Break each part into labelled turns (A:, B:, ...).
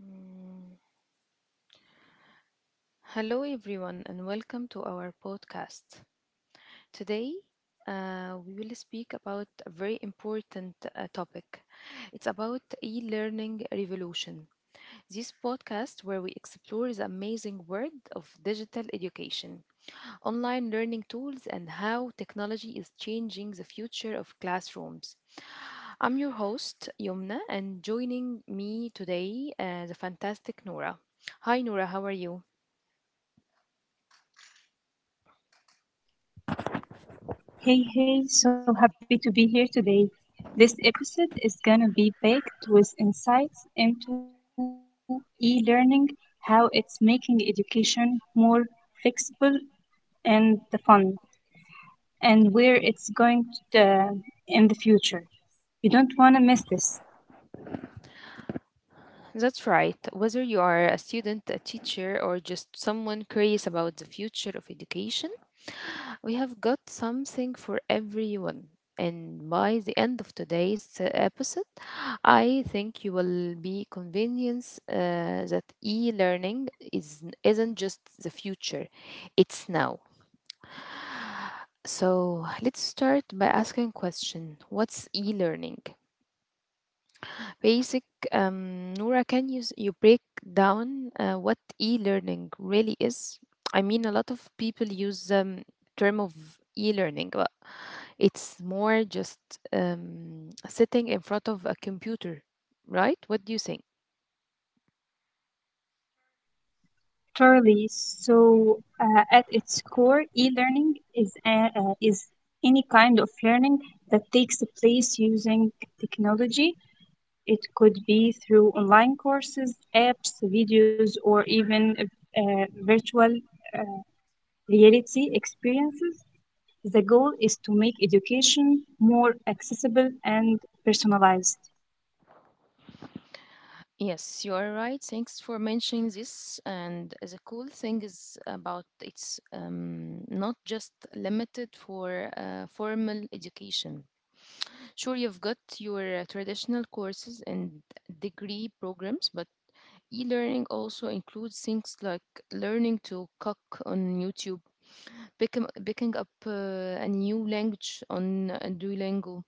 A: Mm, Hello, everyone, and welcome to our podcast. Today, we will speak about a very important topic. It's about e learning revolution. This podcast, where we explore the amazing world of digital education, online learning tools, and how technology is changing the future of classrooms. I'm your host, Yomna, and joining me today, the fantastic Nora. Hi, Nora, how are you?
B: Hey, hey, so happy to be here today. This episode is gonna be packed with insights into e learning, how it's making education more flexible and the fun, and where it's going to, in the future. You don't wanna miss this.
A: That's right. Whether you are a student, a teacher, or just someone curious about the future of education, we have got something for everyone. And by the end of today's episode, I think you will be convinced that e-learning is isn't just the future; it's now. So let's start by asking question: What's e-learning? Basic, Nora, can you break down what e-learning really is? I mean, a lot of people use the term of e-learning, but it's more just sitting in front of a computer, right? What do you think?
B: Totally. So at its core, e learning is any kind of learning that takes place using technology. It could be through online courses, apps, videos, or even virtual reality experiences. The goal is to make education more accessible and personalized.
A: Yes, you are right. Thanks for mentioning this. And the cool thing is about it's not just limited for formal education. Sure, you've got your traditional courses and degree programs, but e learning also includes things like learning to cook on YouTube, picking up a new language on Duolingo,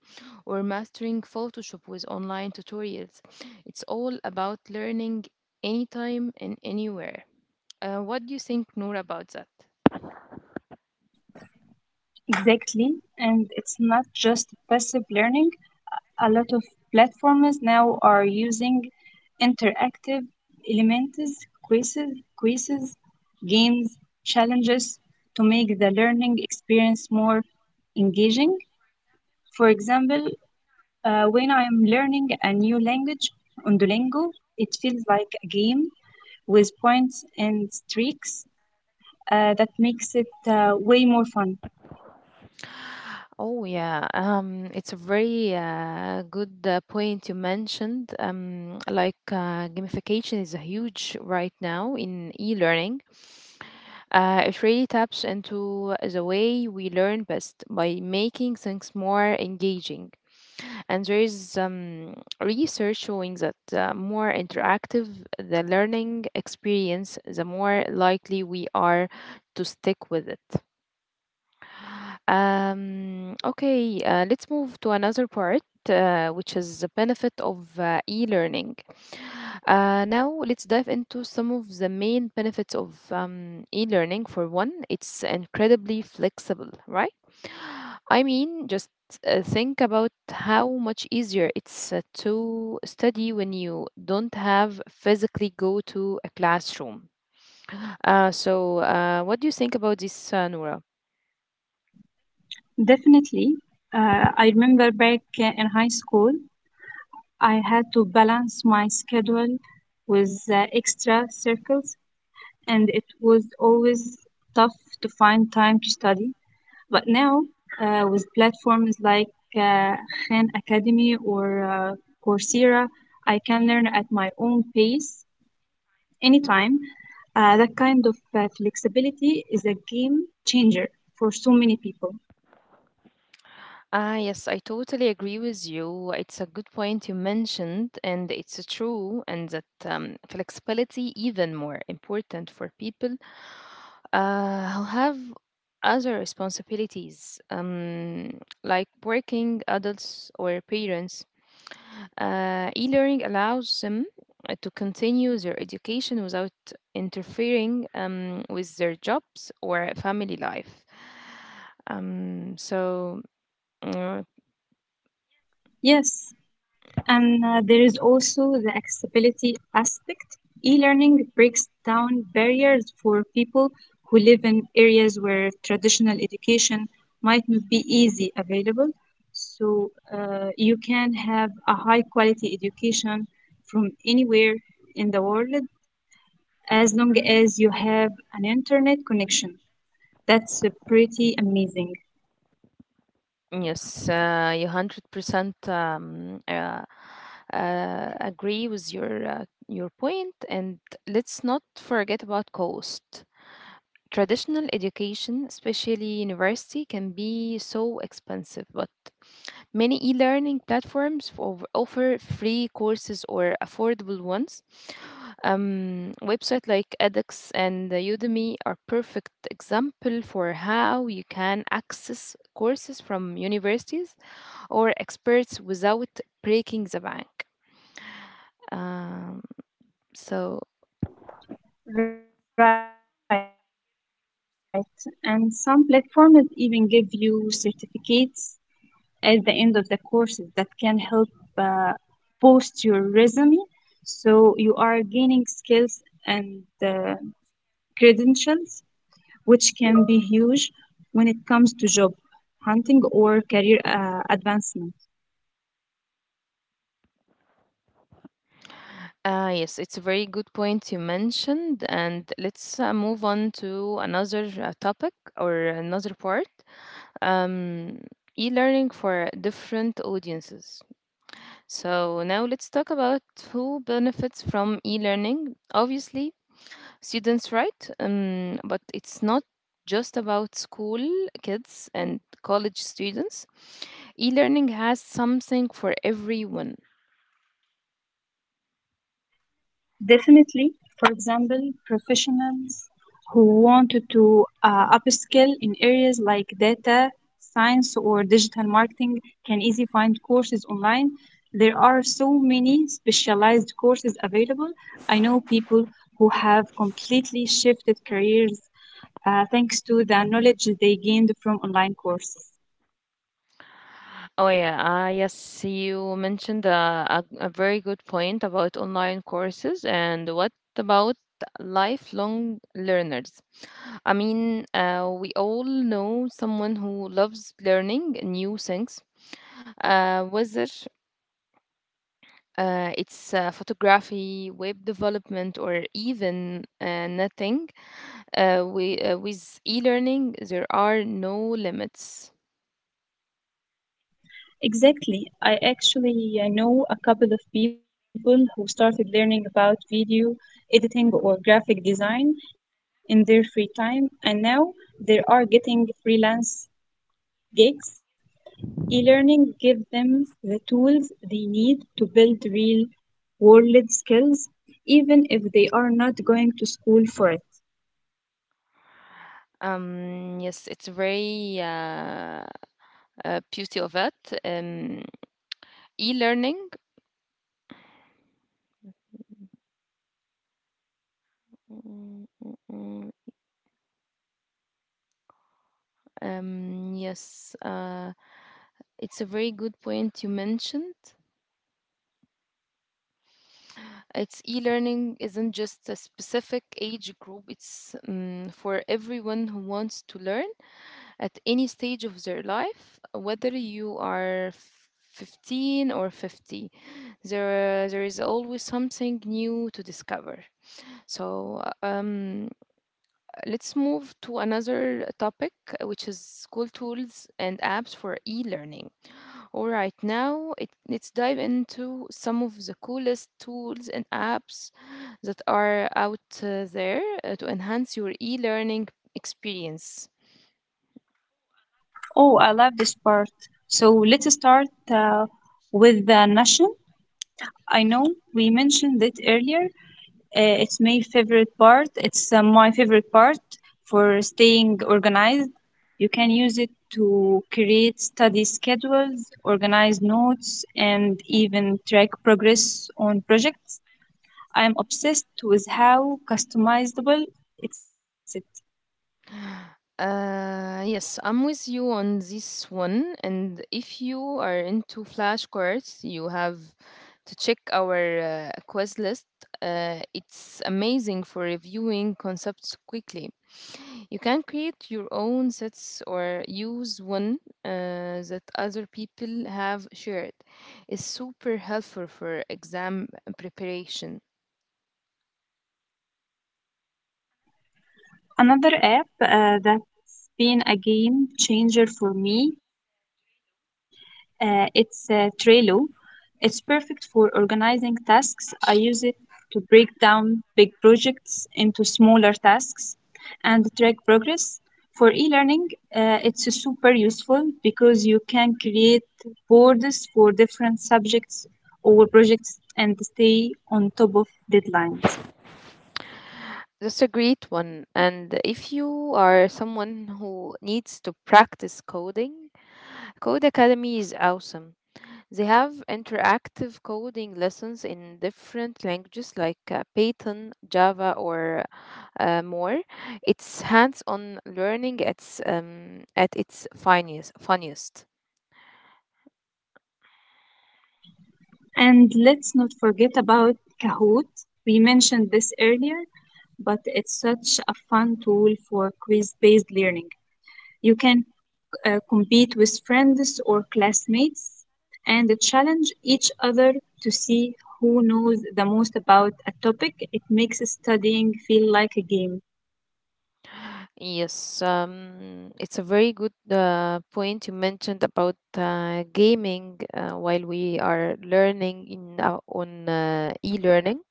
A: or mastering Photoshop with online tutorials. It's all about learning anytime and anywhere. What do you think, Noor, about that?
B: Exactly, and it's not just passive learning. A lot of platforms now are using interactive elements, quizzes, quizzes, games, challenges to make the learning experience more engaging. For example, when I am learning a new language on Duolingo, it feels like a game with points and streaks that makes it way more fun.
A: Oh yeah, it's a very good point you mentioned. Like gamification is a huge right now in e-learning. It really taps into the way we learn best by making things more engaging. And there is research showing that the more interactive the learning experience, the more likely we are to stick with it. Okay, let's move to another part, which is the benefit of e-learning. Now let's dive into some of the main benefits of e-learning. For one, it's incredibly flexible, right? I mean, just think about how much easier it's to study when you don't have physically go to a classroom. So, what do you think about this, Noura?
B: Definitely, I remember back in high school, I had to balance my schedule with extra circles, and it was always tough to find time to study. But now, with platforms like uh, Khan Academy or Coursera, I can learn at my own pace anytime. That kind of flexibility is a game changer for so many people.
A: Ah, yes, I totally agree with you. It's a good point you mentioned, and it's true, and that flexibility even more important for people who have other responsibilities, like working adults or parents. E-learning allows them to continue their education without interfering with their jobs or family life. Um, so. uh,
B: Yes, and there is also the accessibility aspect. E-learning breaks down barriers for people who live in areas where traditional education might not be easy available. So you can have a high quality education from anywhere in the world as long as you have an internet connection. That's pretty amazing.
A: Yes, you 100% agree with your point, and let's not forget about cost. Traditional education, especially university, can be so expensive, but many e-learning platforms offer free courses or affordable ones. Websites like edX and Udemy are perfect example for how you can access courses from universities or experts without breaking the bank. Um, so,
B: So. Right, and some platforms even give you certificates at the end of the courses that can help uh, boost your resume. So you are gaining skills and uh, credentials, which can be huge when it comes to job hunting or career advancement.
A: yes, it's a very good point you mentioned. And let's move on to another topic or another part um, e learning for different audiences. So, now let's talk about who benefits from e learning. Obviously, students right but it's not just about school kids and college students e-learning has something for everyone.
B: Definitely. For example, professionals who wanted to upskill in areas like data science or digital marketing can easily find courses online. There are so many specialized courses available. I know people who have completely shifted careers thanks to the knowledge they gained from online courses.
A: Oh yeah, yes you mentioned a very good point about online courses. And what about lifelong learners? I mean we all know someone who loves learning new things whether it's photography, web development, or even nothing. With e learning, there are no limits.
B: Exactly. I actually know a couple of people who started learning about video editing or graphic design in their free time, and now they are getting freelance gigs. E-learning gives them the tools they need to build real world skills, even if they are not going to school for it.
A: Yes, it's very beauty of it. E learning. Yes, it's a very good point you mentioned. It's e-learning isn't just a specific age group. It's for everyone who wants to learn at any stage of their life, whether you are 15 or 50. There is always something new to discover. So, let's move to another topic, which is school tools and apps for e learning. All right, let's dive into some of the coolest tools and apps that are out there to enhance your e learning experience.
B: Oh, I love this part. So let's start with the nation. I know we mentioned it earlier. It's my favorite part. It's my favorite part for staying organized. You can use it to create study schedules, organize notes, and even track progress on projects. I am obsessed with how customizable it's.
A: Yes, I'm with you on this one. And if you are into flashcards, you have to check our quest list. It's amazing for reviewing concepts quickly. You can create your own sets or use one that other people have shared. It's super helpful for exam preparation.
B: Another app that's been a game changer for me, it's Trello. It's perfect for organizing tasks. I use it to break down big projects into smaller tasks and track progress. For e-learning, it's super useful because you can create boards for different subjects or projects and stay on top of deadlines.
A: That's a great one. And if you are someone who needs to practice coding, Code Academy is awesome. They have interactive coding lessons in different languages like Python, Java, or more. It's hands-on learning at its finest. Funniest.
B: And let's not forget about Kahoot. We mentioned this earlier, but it's such a fun tool for quiz based learning. You can compete with friends or classmates and challenge each other to see who knows the most about a topic. It makes studying feel like a game.
A: Yes, it's a very good point you mentioned about gaming while we are learning in on e-learning.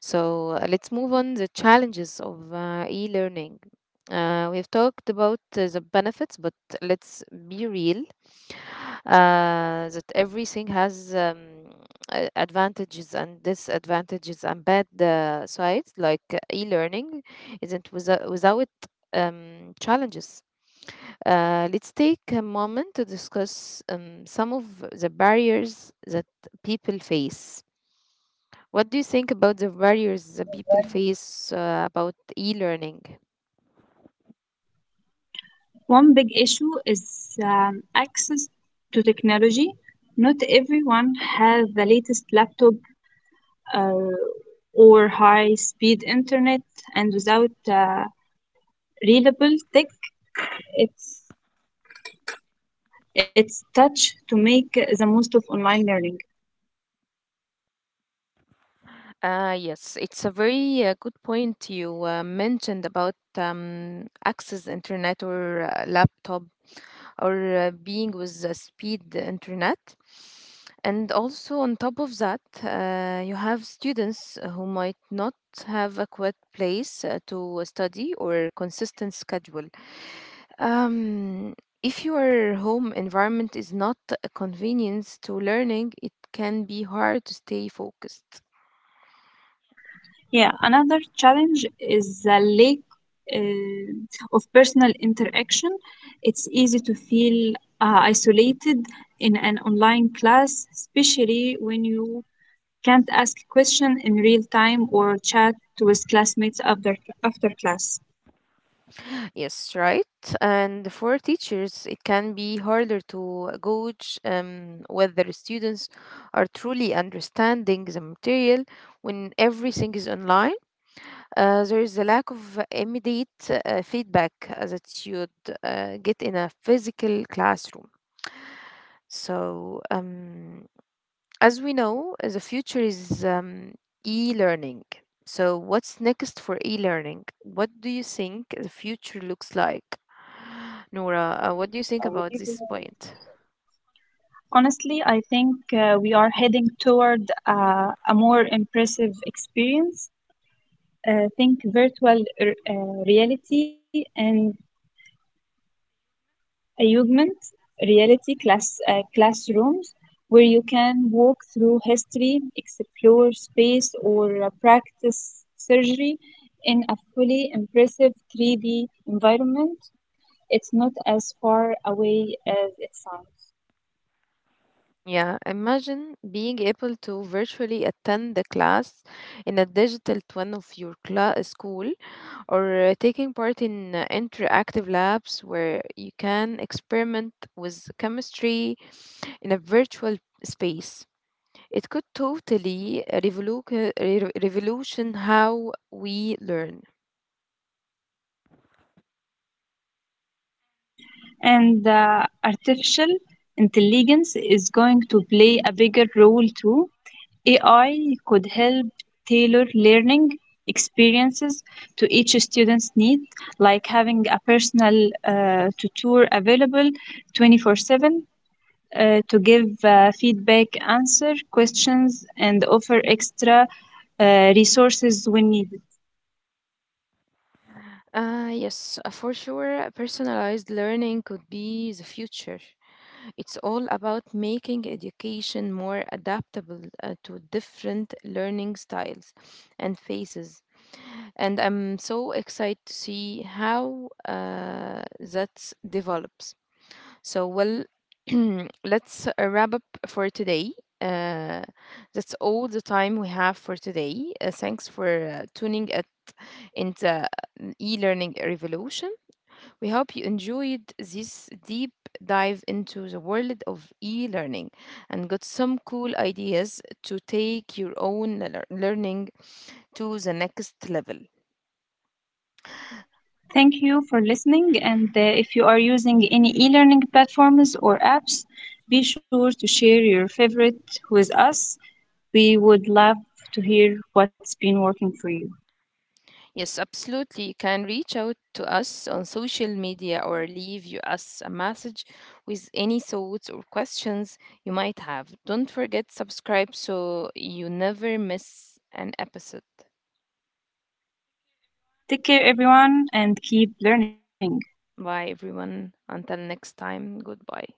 A: So let's move on the challenges of e-learning. We've talked about the benefits, but let's be real that everything has advantages and disadvantages and bad sides. Like e-learning isn't without challenges. Let's take a moment to discuss some of the barriers that people face. What do you think about the
B: What do you think
A: barriers
B: about
A: that
B: that?
A: people face about e-learning?
B: One big issue is access to technology. Not everyone has the latest laptop uh, or high speed internet, and without readable text, it's it's touch to make the most of online learning.
A: Yes, it's a very good point you mentioned about access internet or laptop or being with speed internet. And also on top of that, you have students who might not have a quiet place to study or consistent schedule. Um, if your home environment is not a convenience to learning, it can be hard to stay focused.
B: Yeah, another challenge is the lack uh, of personal interaction. It's easy to feel isolated in an online class, especially when you can't ask question in real time or chat with classmates after class.
A: Yes, right. And for teachers, it can be harder to gauge whether students are truly understanding the material when everything is online. There is a lack of immediate feedback that you'd get in a physical classroom. So, as we know, the future is e learning. So, what's next for e learning? What do you think the future looks like? Nora, what do you think about this point?
B: Honestly, I think we are heading toward a more impressive experience. Think virtual reality and augmented reality classrooms where you can walk through history, explore space, or practice surgery in a fully impressive 3D environment. It's not as far away as it sounds.
A: Yeah, imagine being able to virtually attend the class in a digital twin of your school or taking part in interactive labs where you can experiment with chemistry in a virtual space. It could totally revolution how we learn.
B: And the artificial intelligence is going to play a bigger role too. AI could help tailor learning experiences to each student's need, like having a personal tutor available 24/7 to give feedback, answer questions, and offer extra resources when needed.
A: Yes, for sure, personalized learning could be the future. It's all about making education more adaptable to different learning styles and phases. And I'm so excited to see how that develops. So, well, let's wrap up for today. Uh, that's all the time we have for today. Thanks for tuning in into e-learning revolution. We hope you enjoyed this deep dive into the world of e-learning and got some cool ideas to take your own learning to the next level.
B: Thank you for listening. And if you are using any e learning platforms or apps, be sure to share your favorite with us. We would love to hear what's been working for you.
A: Yes, absolutely. You can reach out to us on social media or leave you us a message with any thoughts or questions you might have. Don't forget subscribe so you never miss an episode.
B: Take care, everyone, and keep learning.
A: Bye everyone. Until next time. Goodbye.